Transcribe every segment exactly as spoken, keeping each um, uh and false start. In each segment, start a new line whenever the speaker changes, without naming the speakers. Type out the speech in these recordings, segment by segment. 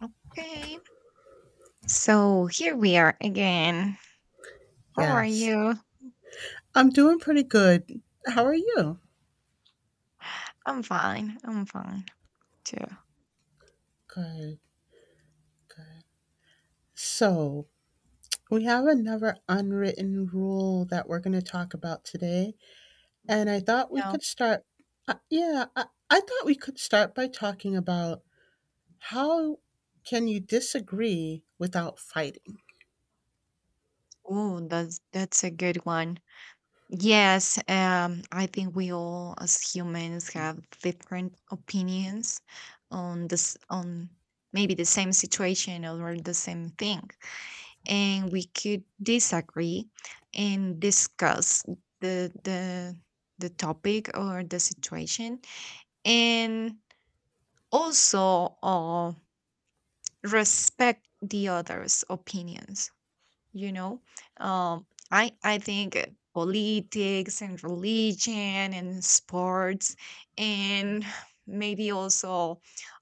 Okay, so here we are again. How are
Yes.
you?
I'm doing pretty good. How are you?
I'm fine. I'm fine too.
Good, good. So, we have another unwritten rule that we're going to talk about today. And I thought we
Yeah.
could start, uh, yeah, I, I thought we could start by talking about how can you disagree without fighting?
Oh, that's that's a good one. Yes, um, I think we all as humans have different opinions on this on maybe the same situation or the same thing, and we could disagree and discuss the the the topic or the situation, and also uh, respect the others opinions. you know um, i i think uh, politics and religion and sports, and maybe also,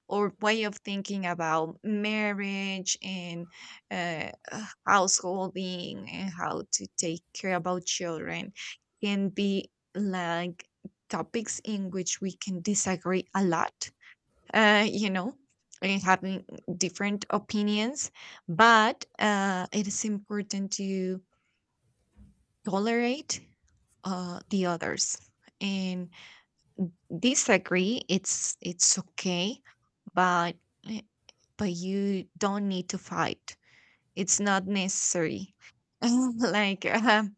or way of thinking about marriage and uh, uh, householding, and how to take care about children can be like topics in which we can disagree a lot, uh, you know, and having different opinions. But uh, it is important to tolerate uh, the others and disagree. It's it's okay, but eh, but you don't need to fight. It's not necessary. Like, um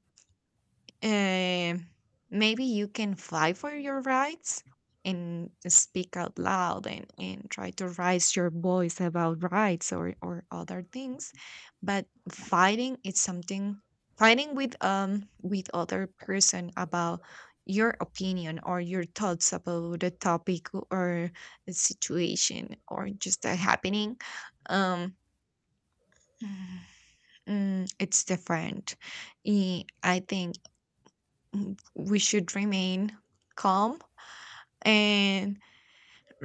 Uh, maybe you can fight for your rights and speak out loud, and, and try to raise your voice about rights, or, or other things. But fighting is something, fighting with um with other person about your opinion or your thoughts about the topic or the situation or just a happening. um mm, it's different. Eh, I think w- we should remain calm and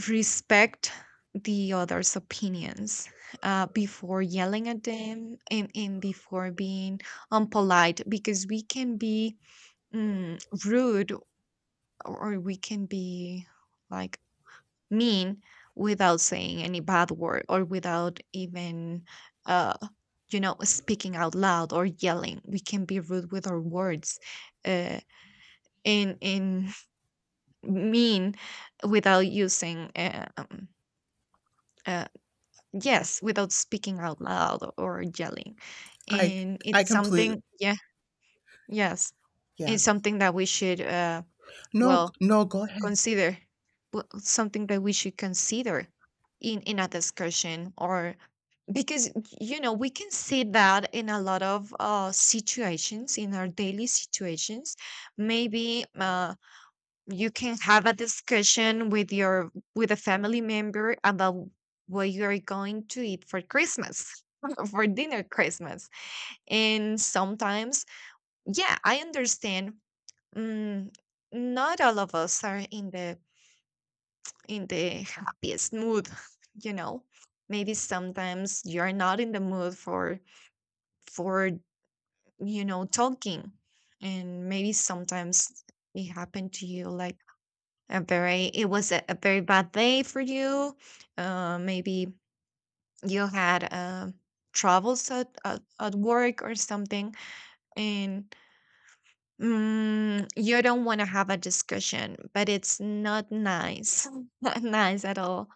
respect the other's opinions uh, before yelling at them, and, and before being unpolite, because we can be mm, rude, or we can be, like, mean without saying any bad word, or without even uh, you know speaking out loud or yelling. We can be rude with our words, uh, and and mean without using uh, um, uh, yes, without speaking out loud or yelling.
I,
And
I
it's
completely,
something. Yeah, yes,
yeah.
it's something that we should, uh,
No,
well,
no, go ahead.
consider. W- something that we should consider in in a discussion, or, because you know we can see that in a lot of uh situations, in our daily situations. Maybe uh you can have a discussion with your, with a family member about what you are going to eat for Christmas, for dinner Christmas. And sometimes, yeah, I understand, mm, not all of us are in the, in the happiest mood. You know, maybe sometimes you're not in the mood for for you know talking. And maybe sometimes it happened to you, like, A very it was a a very bad day for you. Uh, maybe you had, um, troubles at, at, at work or something, and mm, you don't want to have a discussion, but it's not nice, not nice at all,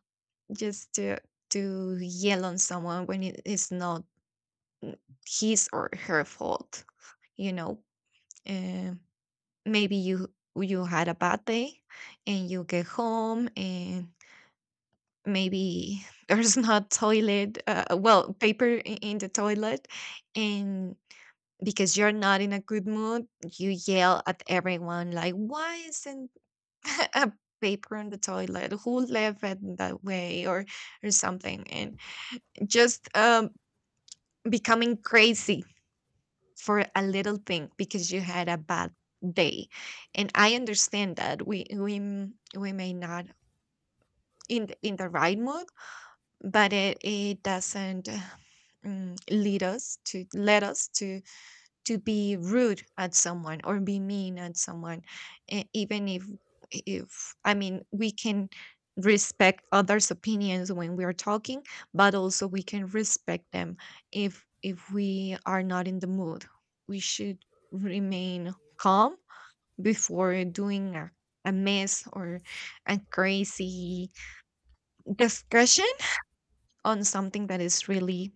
just to to yell on someone when it is not his or her fault. You know, uh, maybe you you had a bad day, and you get home, and maybe there's not toilet, uh, uh, well, paper, i- in the toilet, and because you're not in a good mood you yell at everyone, like, why isn't a paper in the toilet, who left it that way, or or something? And just, um, becoming crazy for a little thing because you had a bad day. And I understand that we we m- we may not, in the, in the right mood, but it it doesn't, mm, lead us to, let us to to be rude at someone or be mean at someone. E- even if if, I mean, we can respect others opinions when we are talking, but also we can respect them. If if we are not in the mood, we should remain calm before doing a, a mess, or a crazy discussion on something that is really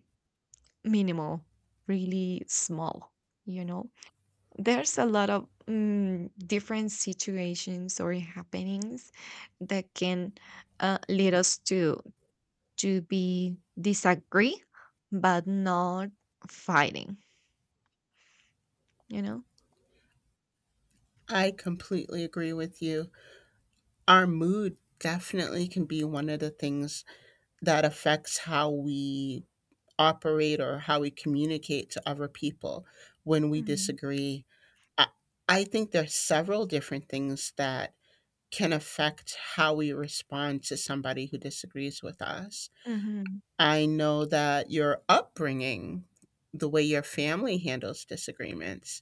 minimal, really small, you know. There's a lot of mm, different situations or happenings that can, uh, lead us to to be disagree, but not fighting, you know.
I completely agree with you. Our mood definitely can be one of the things that affects how we operate or how we communicate to other people when we
Mhm.
disagree. I, I think there's several different things that can affect how we respond to somebody who disagrees with us.
Mhm.
I know that your upbringing, the way your family handles disagreements,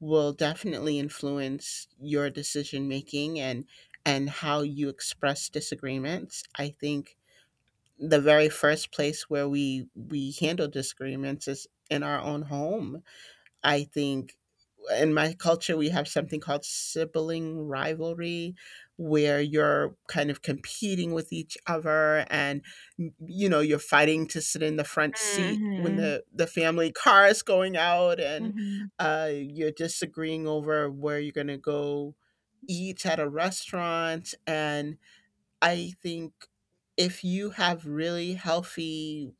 will definitely influence your decision making and and how you express disagreements. I think the very first place where we we handle disagreements is in our own home. I think in my culture we have something called sibling rivalry where you're kind of competing with each other and you know you're fighting to sit in the front seat when
Mhm.
the the family car is going out and
Mhm.
uh, you're disagreeing over where you're going to go eat at a restaurant. And I think if you have really healthy,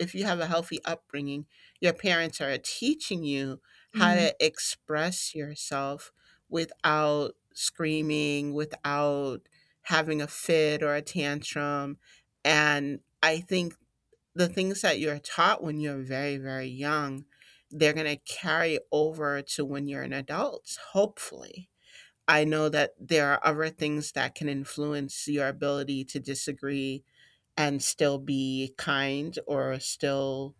if you have a healthy upbringing, your parents are teaching you how
Mhm.
to express yourself without screaming, without having a fit or a tantrum. And I think the things that you're taught when you're very, very young, they're going to carry over to when you're an adult, hopefully. I know that there are other things that can influence your ability to disagree and still be kind or still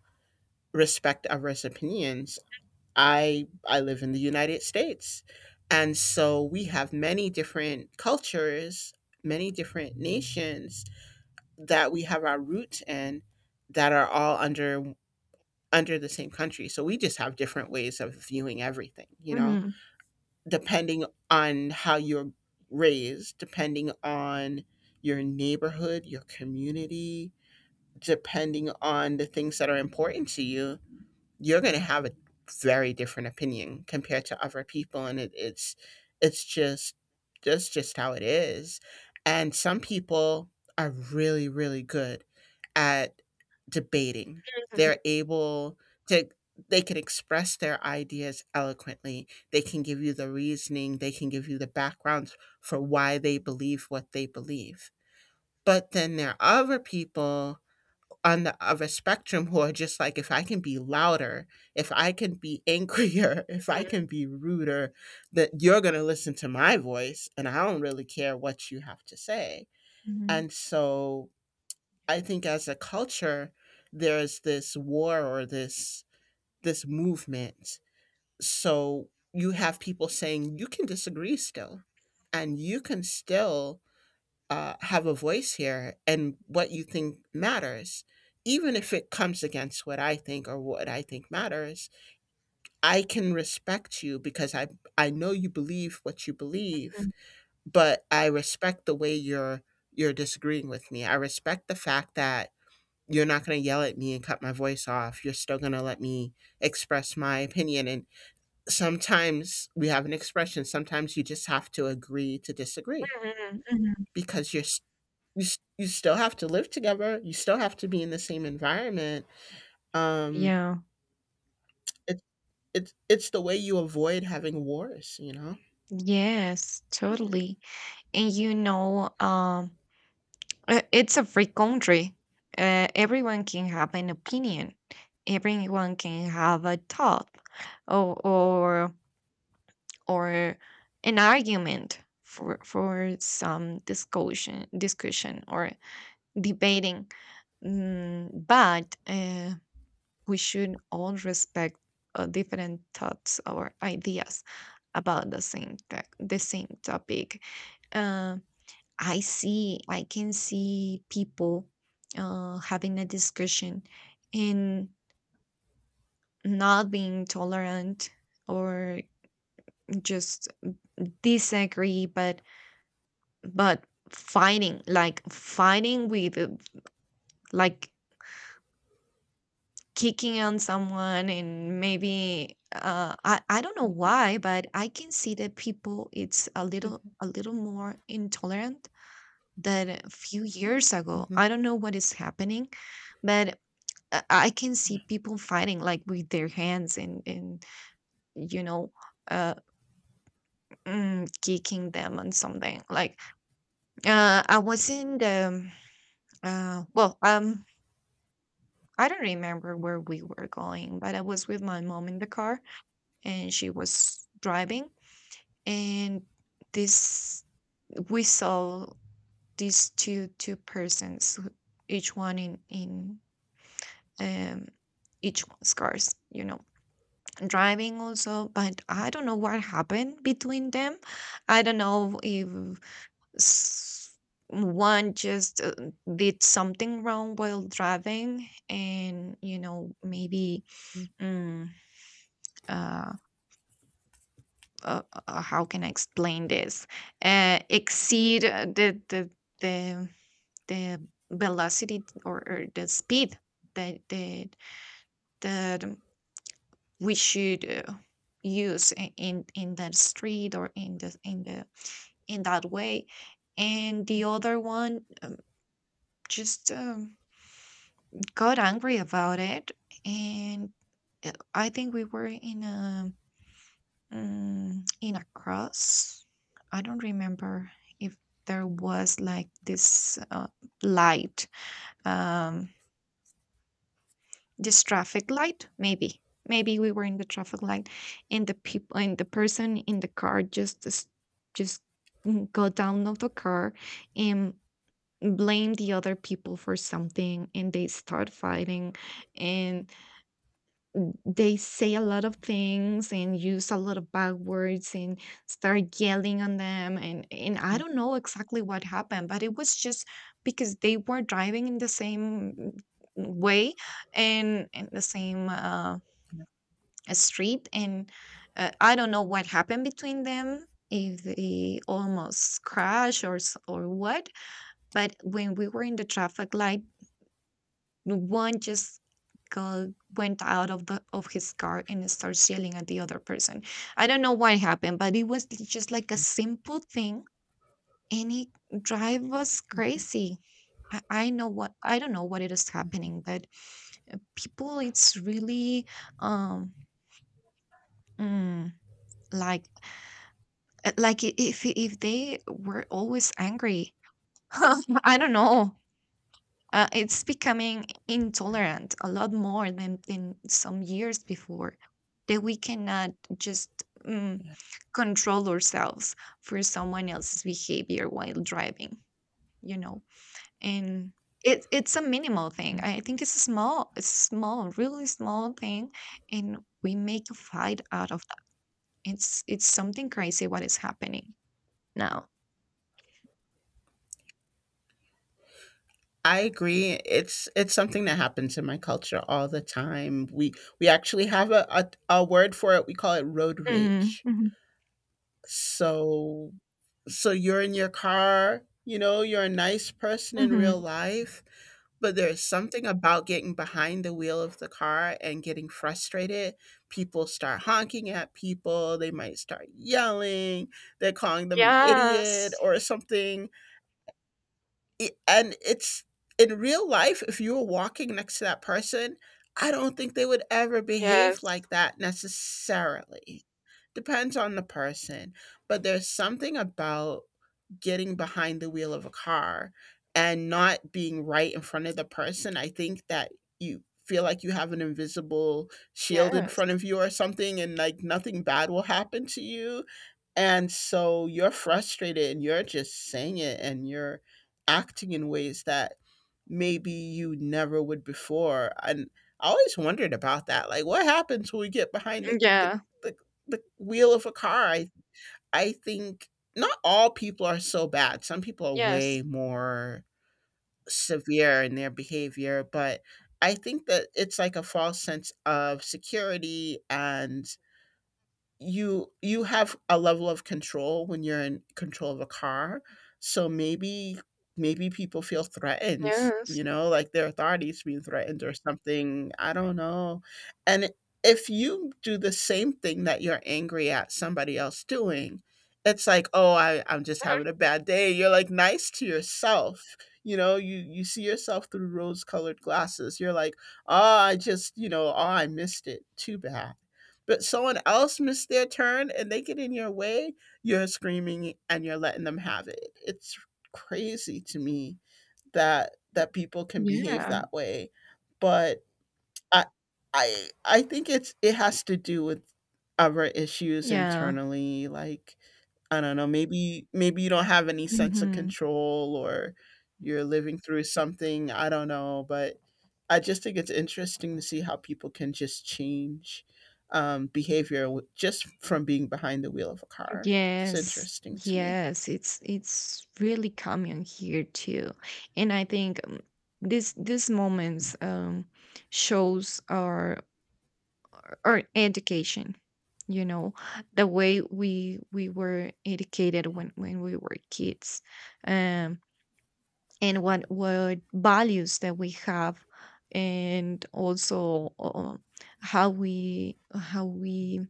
respect others' opinions. I I live in the United States. And so we have many different cultures, many different nations that we have our roots in that are all under under the same country. So we just have different ways of viewing everything, you know?
Mhm.
Depending on how you're raised, depending on your neighborhood, your community, depending on the things that are important to you, you're going to have a very different opinion compared to other people, and it, it's it's just that's just how it is. And some people are really, really good at debating.
Mhm.
They're able to, they can express their ideas eloquently, they can give you the reasoning, they can give you the backgrounds for why they believe what they believe. But then there are other people on the other spectrum who are just like, if I can be louder, if I can be angrier, if I can be ruder, that you're going to listen to my voice and I don't really care what you have to say.
Mhm.
And so I think as a culture, there's this war or this this movement. So you have people saying you can disagree still and you can still uh, have a voice here and what you think matters. Even if it comes against what I think or what I think matters, I can respect you because I I know you believe what you believe, but I respect the way you're you're disagreeing with me. I respect the fact that you're not going to yell at me and cut my voice off. You're still going to let me express my opinion. And sometimes we have an expression, sometimes you just have to agree to disagree,
Mhm. Mhm.
because you're you s- you still have to live together. You still have to be in the same environment. Um,
Yeah.
it's it's it's the way you avoid having wars. You know.
Yes,
Yeah.
totally. And, you know, um Uh, it's a free country. Uh, everyone can have an opinion. Everyone can have a talk, or or, or an argument for for some discussion, discussion, or debating. Mm, but uh, we should all respect, uh, different thoughts or ideas about the same tech the same topic. Uh, I see, I can see people, uh, having a discussion and not being tolerant, or just disagree, but but fighting, like fighting with, uh, like, kicking on someone. And maybe, uh, I I don't know why, but I can see that people, it's a little a little more intolerant than a few years ago.
Hmm.
I don't know what is happening, but I I can see people fighting, like, with their hands, and and you know, uh mm, kicking them on something. Like, uh I was in the, uh well um I don't remember where we were going, but I was with my mom in the car and she was driving, and this we saw these two two persons who- each one in, in um each one's cars, you know driving also. But I don't know what happened between them. I don't know if, s- one just, uh, did something wrong while driving, and, you know, maybe, mm, uh, uh, uh, how can I explain this, uh, exceed, uh, the the the, the velocity, or, or the speed that the, the, we should, uh, use, i- in in that street, or in the, in the in that way. And the other one, um, just, um, got angry about it. And, uh, I think we were in a, mm, in a cross. I don't remember if there was, like, this, uh, light, um this traffic light, maybe maybe we were in the traffic light, and the people and the person in the car just, s- just, mm, got down of the car and blamed the other people for something, and they start fighting, and they say a lot of things, and use a lot of bad words, and start yelling on them. And and I don't know exactly what happened, but it was just because they were driving in the same way, and in the same, uh, street. And, uh, I don't know what happened between them, if they almost crashed, or s- or what. But when we were in the traffic light, no, one just, got, went out of the of his car and starts yelling at the other person. I don't know what happened, but it was just like a simple thing, and it drive us crazy. I, I know what I don't know what it is happening. But, uh, people, it's really, um mm, like, uh, like i- if if they were always angry. I don't know. Uh, it's becoming intolerant a lot more than, than some years before, that we cannot just, mm,
Yeah.
control ourselves for someone else's behavior while driving, you know and it, it's a minimal thing.
Right.
I think it's a small, it's small really small thing, and we make a fight out of that. It's it's something crazy what is happening now.
I agree. It's it's something that happens in my culture all the time. We we actually have a, a, a word for it. We call it road
Mm-hmm.
rage.
Hmm.
So so you're in your car, you know, you're a nice person in real
Hmm.
life, but there's something about getting behind the wheel of the car and getting frustrated. People start honking at people, they might start yelling, they're calling them an idiot
Yes.
or something. It, and it's in real life, if you were walking next to that person, I don't think they would ever
Yes.
behave like that necessarily. Depends on the person. But there's something about getting behind the wheel of a car and not being right in front of the person. I think that you feel like you have an invisible shield in
Yes.
front of you or something, and like nothing bad will happen to you. And so you're frustrated and you're just saying it and you're acting in ways that maybe you never would before. And I always wondered about that. Like, what happens when we get behind the, the,
Yeah.
the, the wheel of a car? I, I think not all people are so bad. Some people are
Yes,
way more severe in their behavior, but I think that it's like a false sense of security, and you you have a level of control when you're in control of a car. So maybe maybe people feel threatened,
yes.
you know, like their authority's being threatened or something, I don't know. And if you do the same thing that you're angry at somebody else doing, it's like, oh, I, I'm just
Mhm.
having a bad day. You're like nice to yourself, you know, you you see yourself through rose colored glasses. You're like, oh, I just, you know, oh, I missed it, too bad. But someone else missed their turn and they get in your way, you're screaming and you're letting them have it. It's crazy to me that that people can behave
Yeah,
that way. But I I I think it's it has to do with other issues
yeah.
internally. Like, I don't know, maybe maybe you don't have any sense of
Mhm.
control, or you're living through something, I don't know. But I just think it's interesting to see how people can just change, um, behavior w- just from being behind the wheel of a car. It's
Yes.
interesting to me.
Yes, it's it's really common here too. And I think, um, this this moments, um shows our our education. you know, the way we we were educated when when we were kids. Um and what what values that we have. And also, uh, how we how we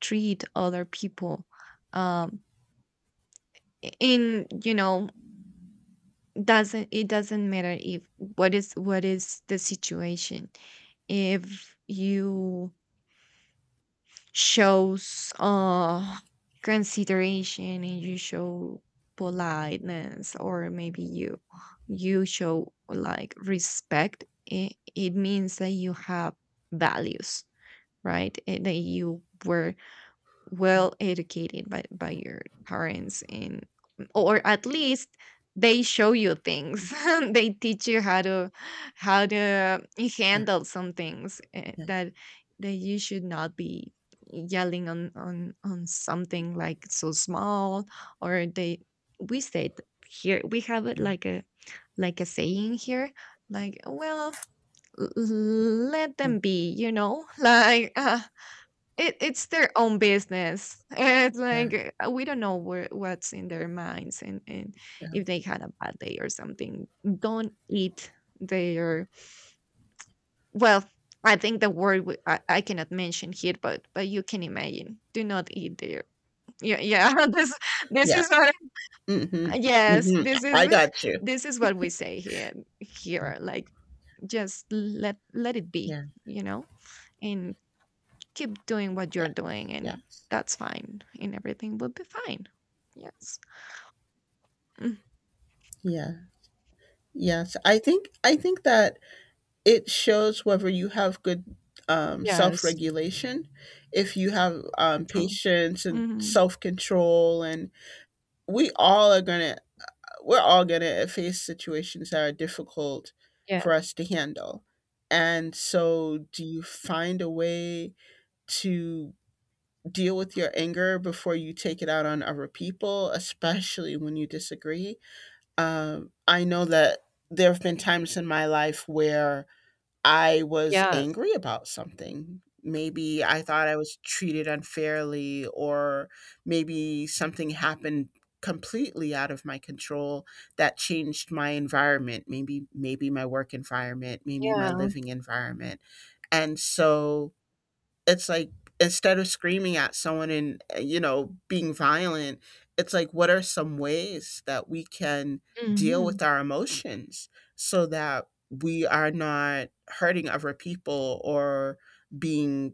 treat other people, um in you know doesn't it doesn't matter if what is what is the situation. If you shows, uh consideration, and you show politeness, or maybe you you show, like, respect, it, it means that you have values, right? Eh, that you were well educated by, by your parents, and, or at least, they show you
Mhm.
things, they teach you how to how to
Yeah,
handle some things, eh,
yeah,
that that you should not be yelling on on on something like so small. Or, they we said, here we have it
yeah,
like a like a saying here, like, well, l- let
mm,
them be, you know like It it's their own business. It's
yeah,
like, uh, we don't know where, what's in their minds, and, and
yeah.
if they had a bad day or something. Don't eat their, well, I think the word, w- I, I cannot mention here, but but you can imagine. Do not eat their, yeah, yeah. This this
Yeah.
is what,
Hmm.
yes,
Hmm.
this is
I got you.
this is what we say here,
Yeah,
here. Like, just let let it be,
yeah.
you know? And keep doing what you're
Yeah.
doing, and
Yes.
that's fine and everything will be fine. Yes. Mm.
Yeah. Yes. I think I think that it shows whether you have good, um,
Yes.
self-regulation, if you have, um,
True.
patience and
Mhm.
self-control. And we all are gonna we're all gonna face situations that are difficult for
Yes.
us to handle. And so, do you find a way to deal with your anger before you take it out on other people, especially when you disagree? Um, I know that there have been times in my life where I was
Yes.
angry about something. Maybe I thought I was treated unfairly, or maybe something happened completely out of my control that changed my environment. Maybe, maybe my work environment, maybe my
Yeah.
living environment. And so it's like, instead of screaming at someone and, uh, you know, being violent, it's like what are some ways that we can deal
Hmm.
with our emotions so that we are not hurting other people or being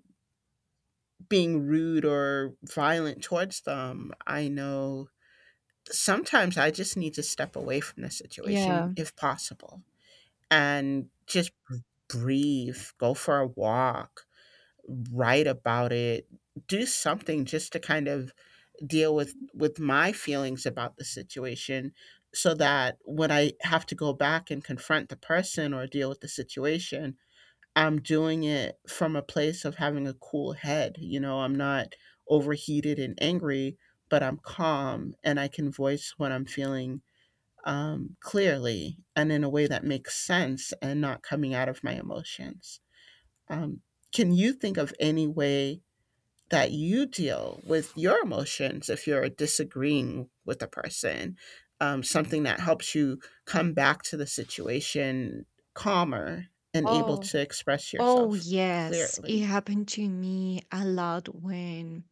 being rude or violent towards them. I know sometimes I just need to step away from the situation
Yeah.
if possible, and just breathe, go for a walk, write about it, do something just to kind of deal with with my feelings about the situation, so that when I have to go back and confront the person or deal with the situation, I'm doing it from a place of having a cool head. You know, I'm not overheated and angry, but I'm calm and I can voice what I'm feeling, um, clearly and in a way that makes sense and not coming out of my emotions. Um, can you think of any way that you deal with your emotions if you're disagreeing with a person, um, something that helps you come back to the situation calmer and able
Oh.
to express
Oh,
yourself
yes, it
clearly.
happened to me a lot when,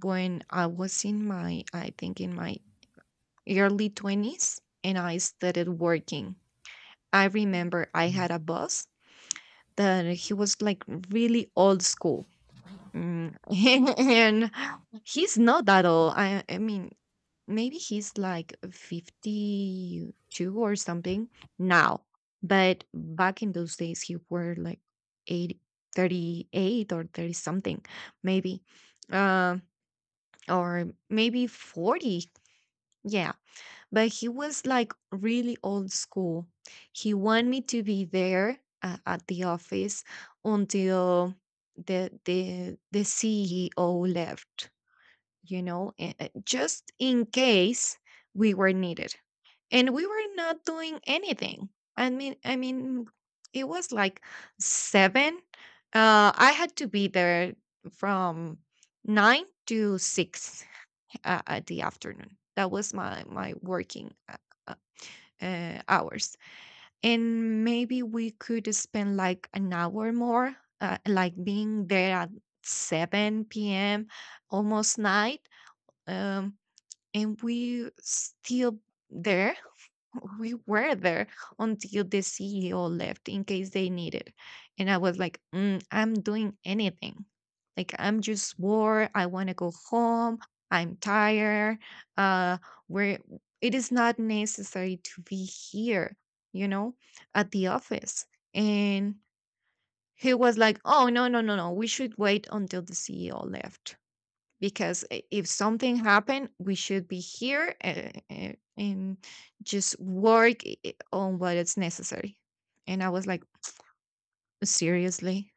when I was in my, i think in my early twenties, and I started working. I remember I had
Mm.
a boss that he was like really old school. Mm, and he's not that old. I I mean, maybe he's like fifty-two or something now, but back in those days he were like eighty thirty-eight or thirty something, maybe. Um or maybe forty. Yeah, but he was like really old school. He wanted me to be there uh, at the office until the the the C E O left, you know, a- a- just in case we were needed. And we were not doing anything. I mean, I mean, it was like seven. Uh, I had to be there from nine to six uh, at the afternoon. That was my my working uh, uh, hours. And maybe we could spend like an hour more, uh, like being there at seven p m, almost night. Um, and we still there we were there until the C E O left in case they needed. And I was like, "Mm, I'm doing anything. Like, I'm just bored. I want to go home. I'm tired. Uh, where It is not necessary to be here, you know, at the office." And he was like, "Oh, no, no, no, no. We should wait until the C E O left because i- if something happened we should be here, uh, uh, and just work i- i- on what is necessary." And I was like, "Seriously?"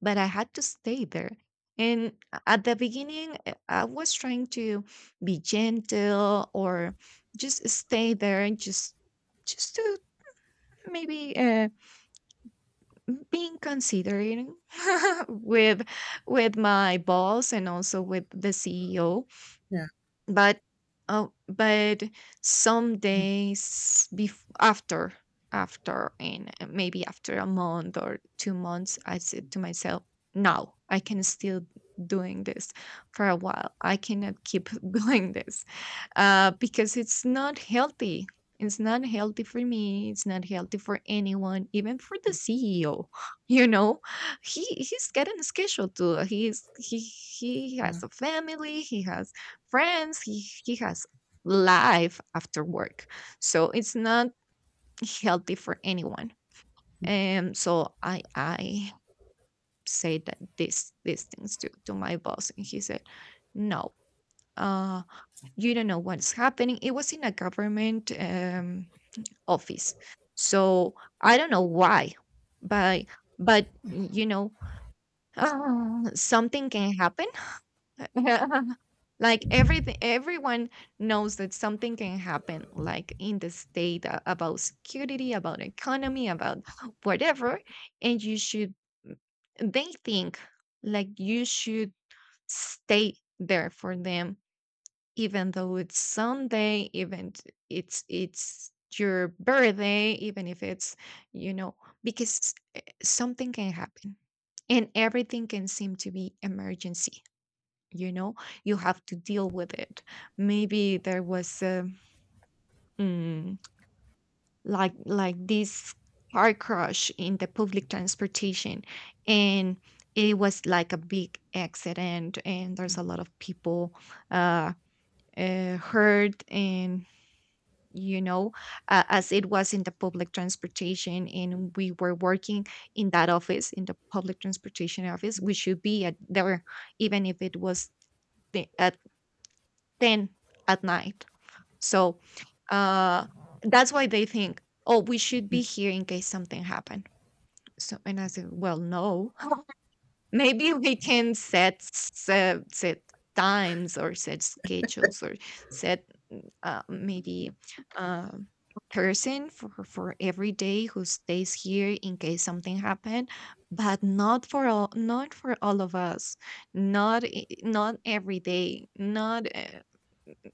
But I had to stay there, and a- at the beginning uh, I was trying to be gentle, or just stay there and just just to maybe uh, being considerate with with my boss and also with the CEO.
Yeah.
But oh, but some
Mm,
days bef- after, after and maybe after a month or two months I said to myself, "No, I can still doing this for a while. I cannot keep doing this, uh, because it's not healthy. It's not healthy for me, it's not healthy for anyone, even for the CEO." You know, he, he's getting a schedule too. He's, he he
yeah,
has a family, he has friends. He, he has life after work, so it's not healthy for anyone. And so I I say that this these things to to my boss, and he said, "No, uh, you don't know what's happening." It was in a government um, office, so I don't know why, but but you know. Uh, something can happen like everything everyone knows that something can happen, like in the state, a- about security, about economy, about whatever. And you should, they think, like you should stay there for them, even though it's Sunday, even t- it's it's your birthday, even if it's, you know, because eh, something can happen, and everything can seem to be emergency. You know, you have to deal with it. Maybe there was a, mm, like like this car crash in the public transportation, and it was like a big accident and there's a lot of people uh, uh hurt. And you know, uh, as it was in the public transportation and we were working in that office, in the public transportation office, we should be at there even if it was the, at ten at night. So uh, that's why they think, "Oh, we should be here in case something happened." So, and I said, "Well, no, maybe we can set set, set times or set schedules, or set uh, maybe um person for for every day who stays here in case something happened, but not for all, not for all of us, not i- not every day, not, uh,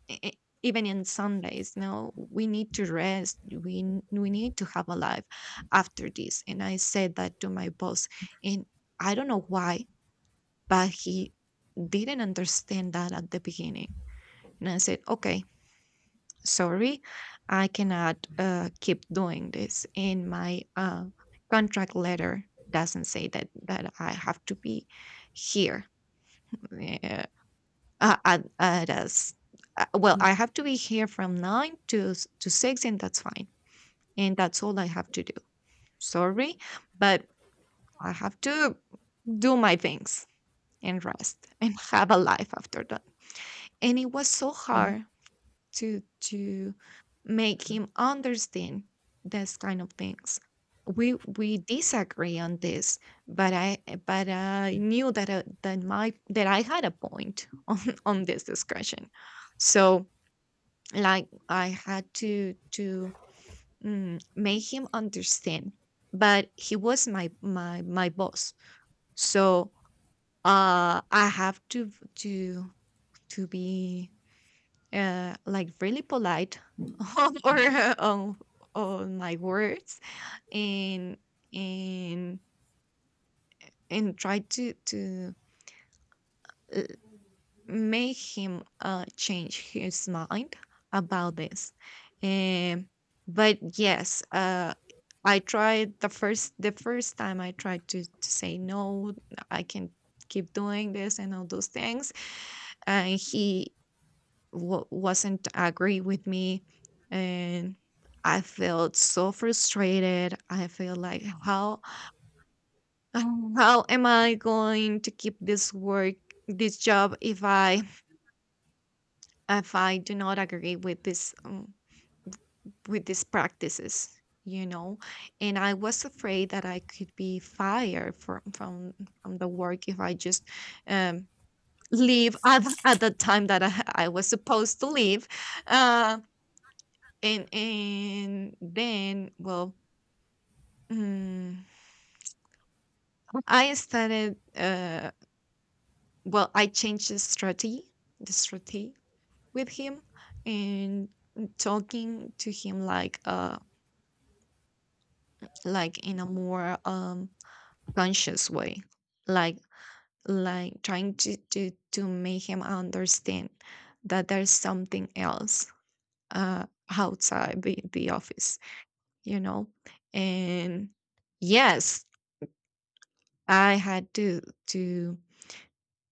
e- e- even in Sundays. No, we need to rest. We n- we need to have a life after this." And I said that to my boss, and I don't know why, but he didn't understand that at the beginning. And I said, "Okay, sorry, I cannot uh, keep doing this. And my uh, contract letter doesn't say that that I have to be here, eh, Uh, uh, uh, it is. Uh, well, I have to be here from nine to s- to six, and that's fine. And that's all I have to do. Sorry, but I have to do my things and rest and have a life after that." And it was so
yeah.
hard to to make him understand this kind of things. We we disagree on this, but I but I knew that uh, that my that I had a point on this discussion. So like I had to to mm, make him understand. But he was my my my boss, so uh, I have to to to be uh, like really polite on or uh, on, on my words, and and and try to to make him uh, change his mind about this. Um, but yes, uh, I tried, the first the first time I tried to, to say, "No, I can keep doing this" and all those things, and he w- wasn't agree with me, and I felt so frustrated. I feel like how how am I going to keep this work this job if I, if I do not agree with this um, with these practices, you know. And I was afraid that I could be fired from from from the work if I just um, leave at at the time that I, I was supposed to leave. Uh, and and then well, mm, I started. Uh, well, I changed the strategy, the strategy with him, and talking to him like uh like in a more um conscious way, like like trying to to to make him understand that there's something else uh outside the, the office, you know. And yes, I had to to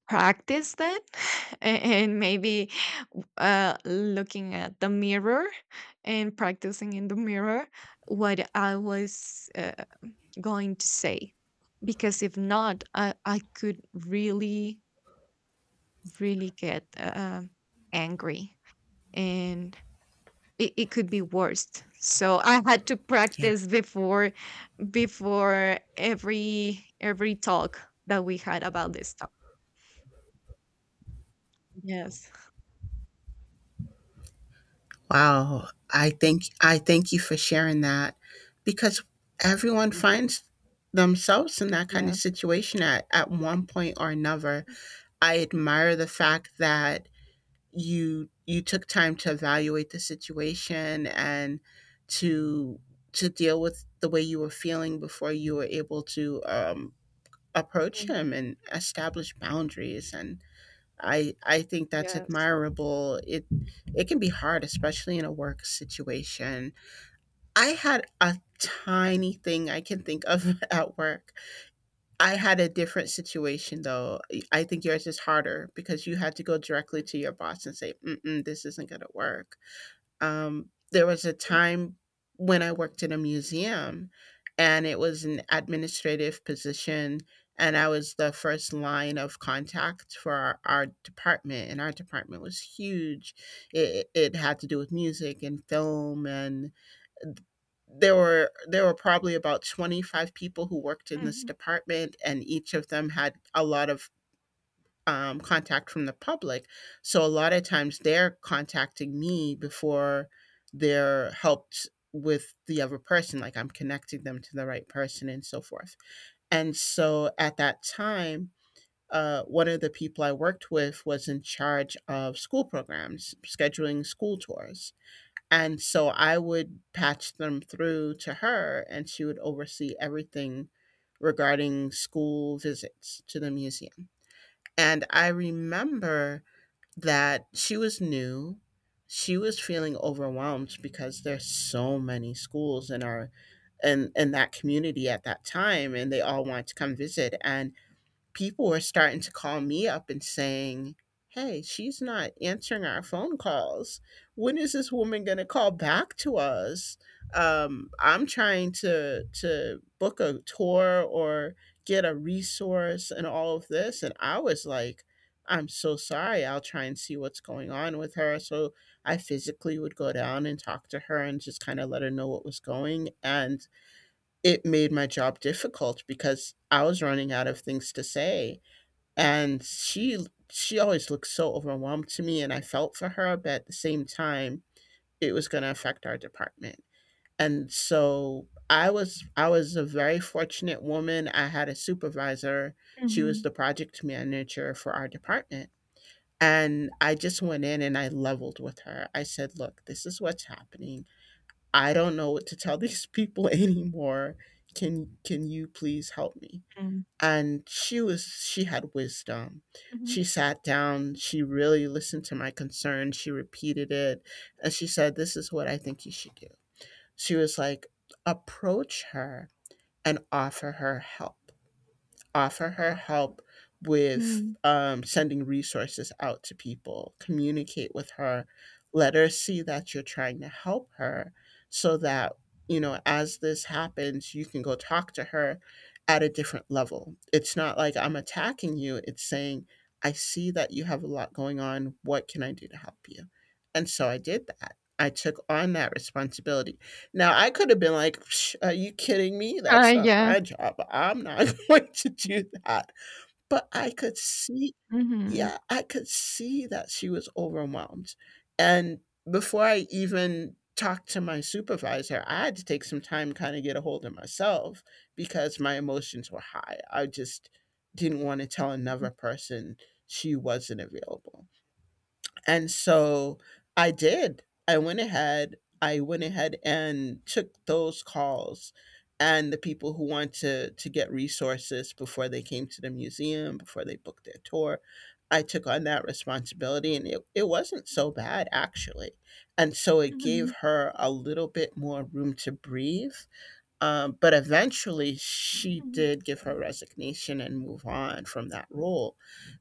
practice that, and maybe uh looking at the mirror and practicing in the mirror what I was uh, going to say, because if not i, I could really really get uh, angry, and it, it could be worse. So I had to
Yeah.
practice before, before every every talk that we had about this topic. Yes.
Wow. I think I thank you for sharing that, because everyone finds themselves in that kind of
Yes.
situation at, at one point or another. I admire the fact that you you took time to evaluate the situation and to to deal with the way you were feeling before you were able to, um,
Yes.
approach him and establish boundaries. And I I think that's
Yes.
admirable. It it can be hard, especially in a work situation. I had a tiny thing I can think of at work. I had a different situation though. I think yours is harder because you had to go directly to your boss and say, Mm-mm, "This isn't going to work." Um, there was a time when I worked in a museum, and it was an administrative position, and I was the first line of contact for our, our department, and our department was huge. It, it had to do with music and film, and there were there were probably about twenty-five people who worked in this
Mm-hmm.
department, and each of them had a lot of um, contact from the public. So a lot of times they're contacting me before they're helped with the other person, like I'm connecting them to the right person and so forth. And so at that time, uh, one of the people I worked with was in charge of school programs, scheduling school tours. And so I would patch them through to her, and she would oversee everything regarding school visits to the museum. And I remember that she was new. She was feeling overwhelmed because there's so many schools in our in, in that community at that time, and they all want to come visit. And people were starting to call me up and saying, "Hey, she's not answering our phone calls. When is this woman going to call back to us? Um, I'm trying to, to book a tour or get a resource and all of this." And I was like, "I'm so sorry. I'll try and see what's going on with her." So I physically would go down and talk to her and just kind of let her know what was going. And it made my job difficult because I was running out of things to say. And she she always looked so overwhelmed to me, and I felt for her, but at the same time it was going to affect our department. And so i was i was a very fortunate woman. I had a supervisor, she was
Mm-hmm.
the project manager for our department, and I just went in and I leveled with her. I said, "Look, this is what's happening. I don't know what to tell these people anymore. Can can you please help me?" And she was she had wisdom.
Mm-hmm.
She sat down, she really listened to my concern, she repeated it, and she said, "This is what I think you should do." She was like, approach her and offer her help. Offer her help with
Mm-hmm.
um, sending resources out to people, communicate with her, let her see that you're trying to help her, so that, you know, as this happens, you can go talk to her at a different level. It's not like, "I'm attacking you," it's saying, "I see that you have a lot going on. What can I do to help you?" And so I did that. I took on that responsibility. Now I could have been like, "Psh, are you kidding me?
Uh,
That's not my
yeah.
job. I'm not going to do that." But I could see,
Mm-hmm.
yeah, I could see that she was overwhelmed. And before I even talked to my supervisor, I had to take some time, kind of get a hold of myself, because my emotions were high. I just didn't want to tell
Mm-hmm.
another person she wasn't available. And so I did. I went ahead. I went ahead and took those calls, and the people who want to to get resources before they came to the museum, before they booked their tour. I took on that responsibility, and it, it wasn't so bad actually. And so it gave her a little bit more room to breathe. um, but eventually, she
Mm-hmm.
did give her resignation and move on from that role,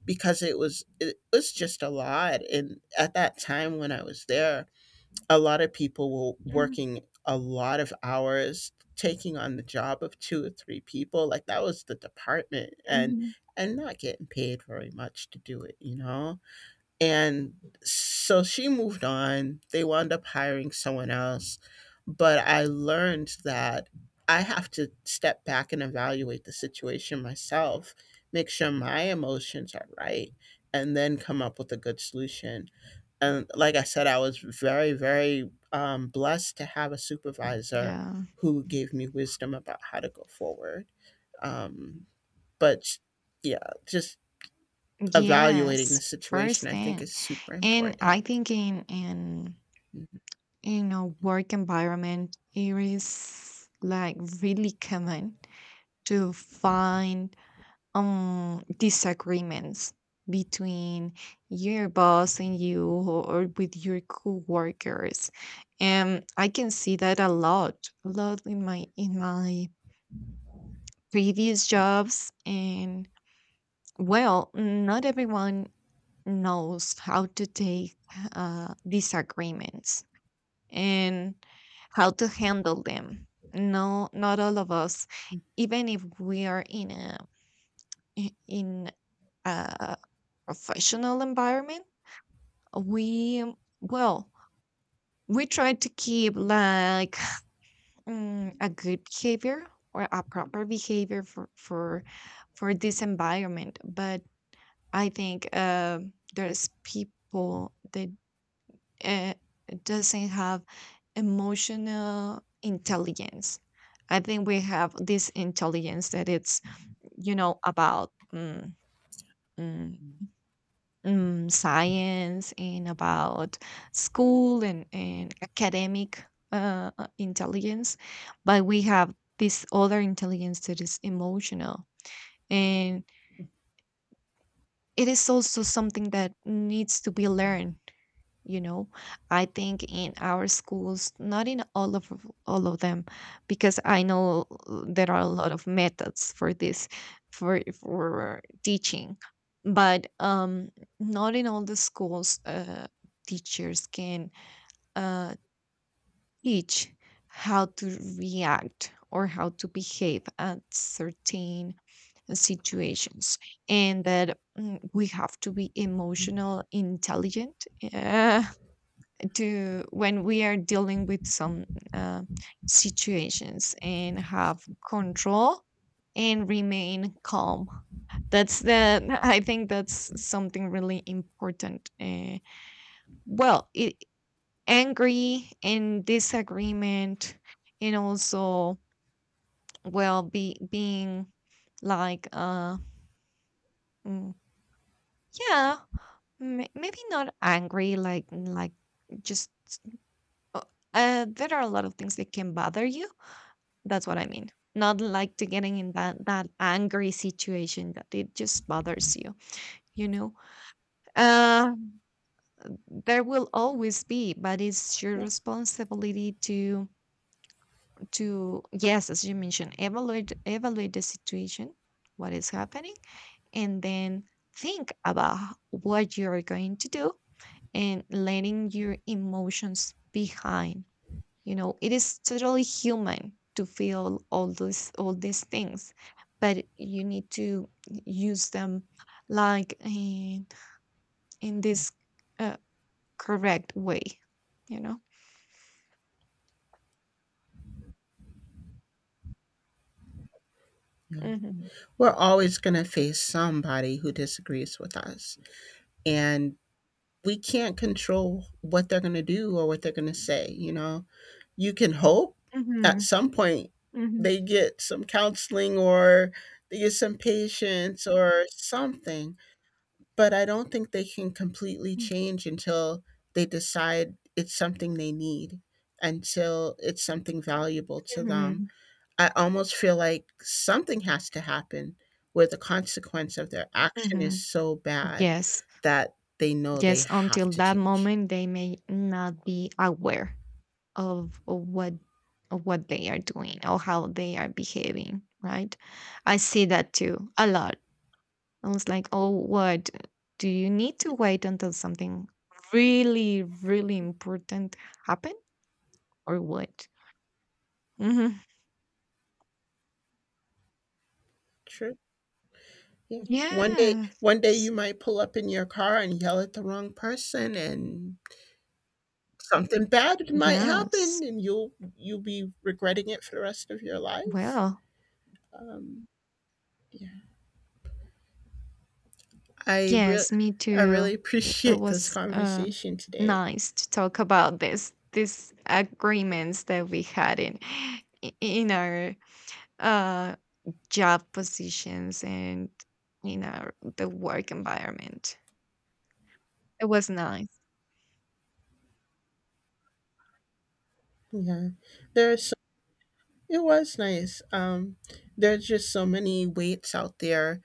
because it was it was just a lot. And at that time when I was there, a lot of people were working a lot of hours, taking on the job of two or three people. Like, that was the department, and
Mm-hmm.
and not getting paid very much to do it, you know. And so she moved on. They wound up hiring someone else. But I learned that I have to step back and evaluate the situation myself, make sure my emotions are right, and then come up with a good solution. And like I said, I was very, very um, blessed to have a supervisor
Yeah.
who gave me wisdom about how to go forward. Um, but yeah, just evaluating the
Yes, first
situation, I think,
thing.
is super
And I
important.
think in in
Mhm.
in a work environment, it is like really common to find um disagreements between your boss and you, or with your coworkers. And I can see that a lot, a lot in my in my previous jobs. And well, not everyone knows how to take uh, disagreements and how to handle them. No, not all of us, even if we are in a, i- in a professional environment, we, well, we try to keep like, mm, a good behavior, or a proper behavior for for for this environment. But I think uh, there's people that uh, doesn't have emotional intelligence. I think we have this intelligence that it's, you know, about, mm, mm, mm, science, and about school, and, and academic uh, uh, intelligence. But we have this other intelligence that is emotional. And it is also something that needs to be learned, you know. I think in our schools, not in all of all of them, because I know uh, there are a lot of methods for this, for for teaching. But um not in all the schools uh, teachers can uh, teach how to react or how to behave at certain situations, and that, mm, we have to be emotional intelligent to when we are dealing with some uh, situations, and have control and remain calm. That's the, I think that's something really important. uh, well it, angry and disagreement, and also, well, be being like, uh mm, yeah, m- maybe not angry, like like just, uh, uh, there are a lot of things that can bother you. That's what I mean. Not like to getting in that, that angry situation, that it just bothers you, you know. Um, there will always be, but it's your
Yeah.
responsibility to to yes, as you mentioned, evaluate evaluate the situation, what is happening, and then think about, h- what you're going to do, and letting your emotions behind. You know, it is totally human to feel all those all these things, but you need to use them like in, in this uh, correct way, you know.
Yeah.
Hmm.
We're always going to face somebody who disagrees with us, and we can't control what they're going to do or what they're going to say. You know, you can hope at
Hmm.
some point
Hmm.
they get some counseling, or they get some patience or something. But I don't think they can completely change until they decide it's something they need, until it's something valuable to them.
Hmm.
I almost feel like something has to happen where the consequence of their action
Hmm.
is so bad
Yes,
that they know they
yes,
have
until
to
that
change.
moment they may not be aware of, of what of what they are doing, or how they are behaving, right? I see that too a lot. I was like, "Oh, what? Do you need to wait until something really, really important happen, or what?" Hmm.
True. Yeah. One day, one day you
Yes.
might pull up in your car and yell at the wrong person, and something bad might happen,
Yes.
and you'll you'll be regretting it for the rest of your life.
Well,
Yeah. I real
yes, me
I really
too. It, it
appreciate this
was uh,
conversation today.
nice to talk about this, these agreements that we had in, i- in our uh, job positions, and in our the work environment. It was nice.
Yeah. There's it was nice. Um there's just so many weights out there.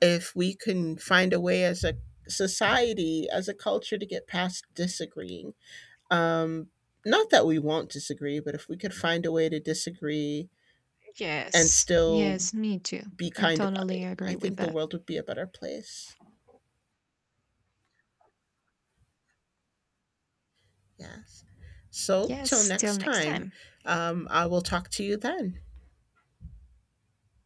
If we can find a way as a society, as a culture, to get past disagreeing. Um, not that we won't disagree, but if we could find a way to disagree and
Yes,
still
yes, me too.
be
I
kind about
totally
it, I
agree with
think the
that.
world would be a better place. Yes. So, till
Yes, till
next
next
time,
time.
um, I will talk to you then.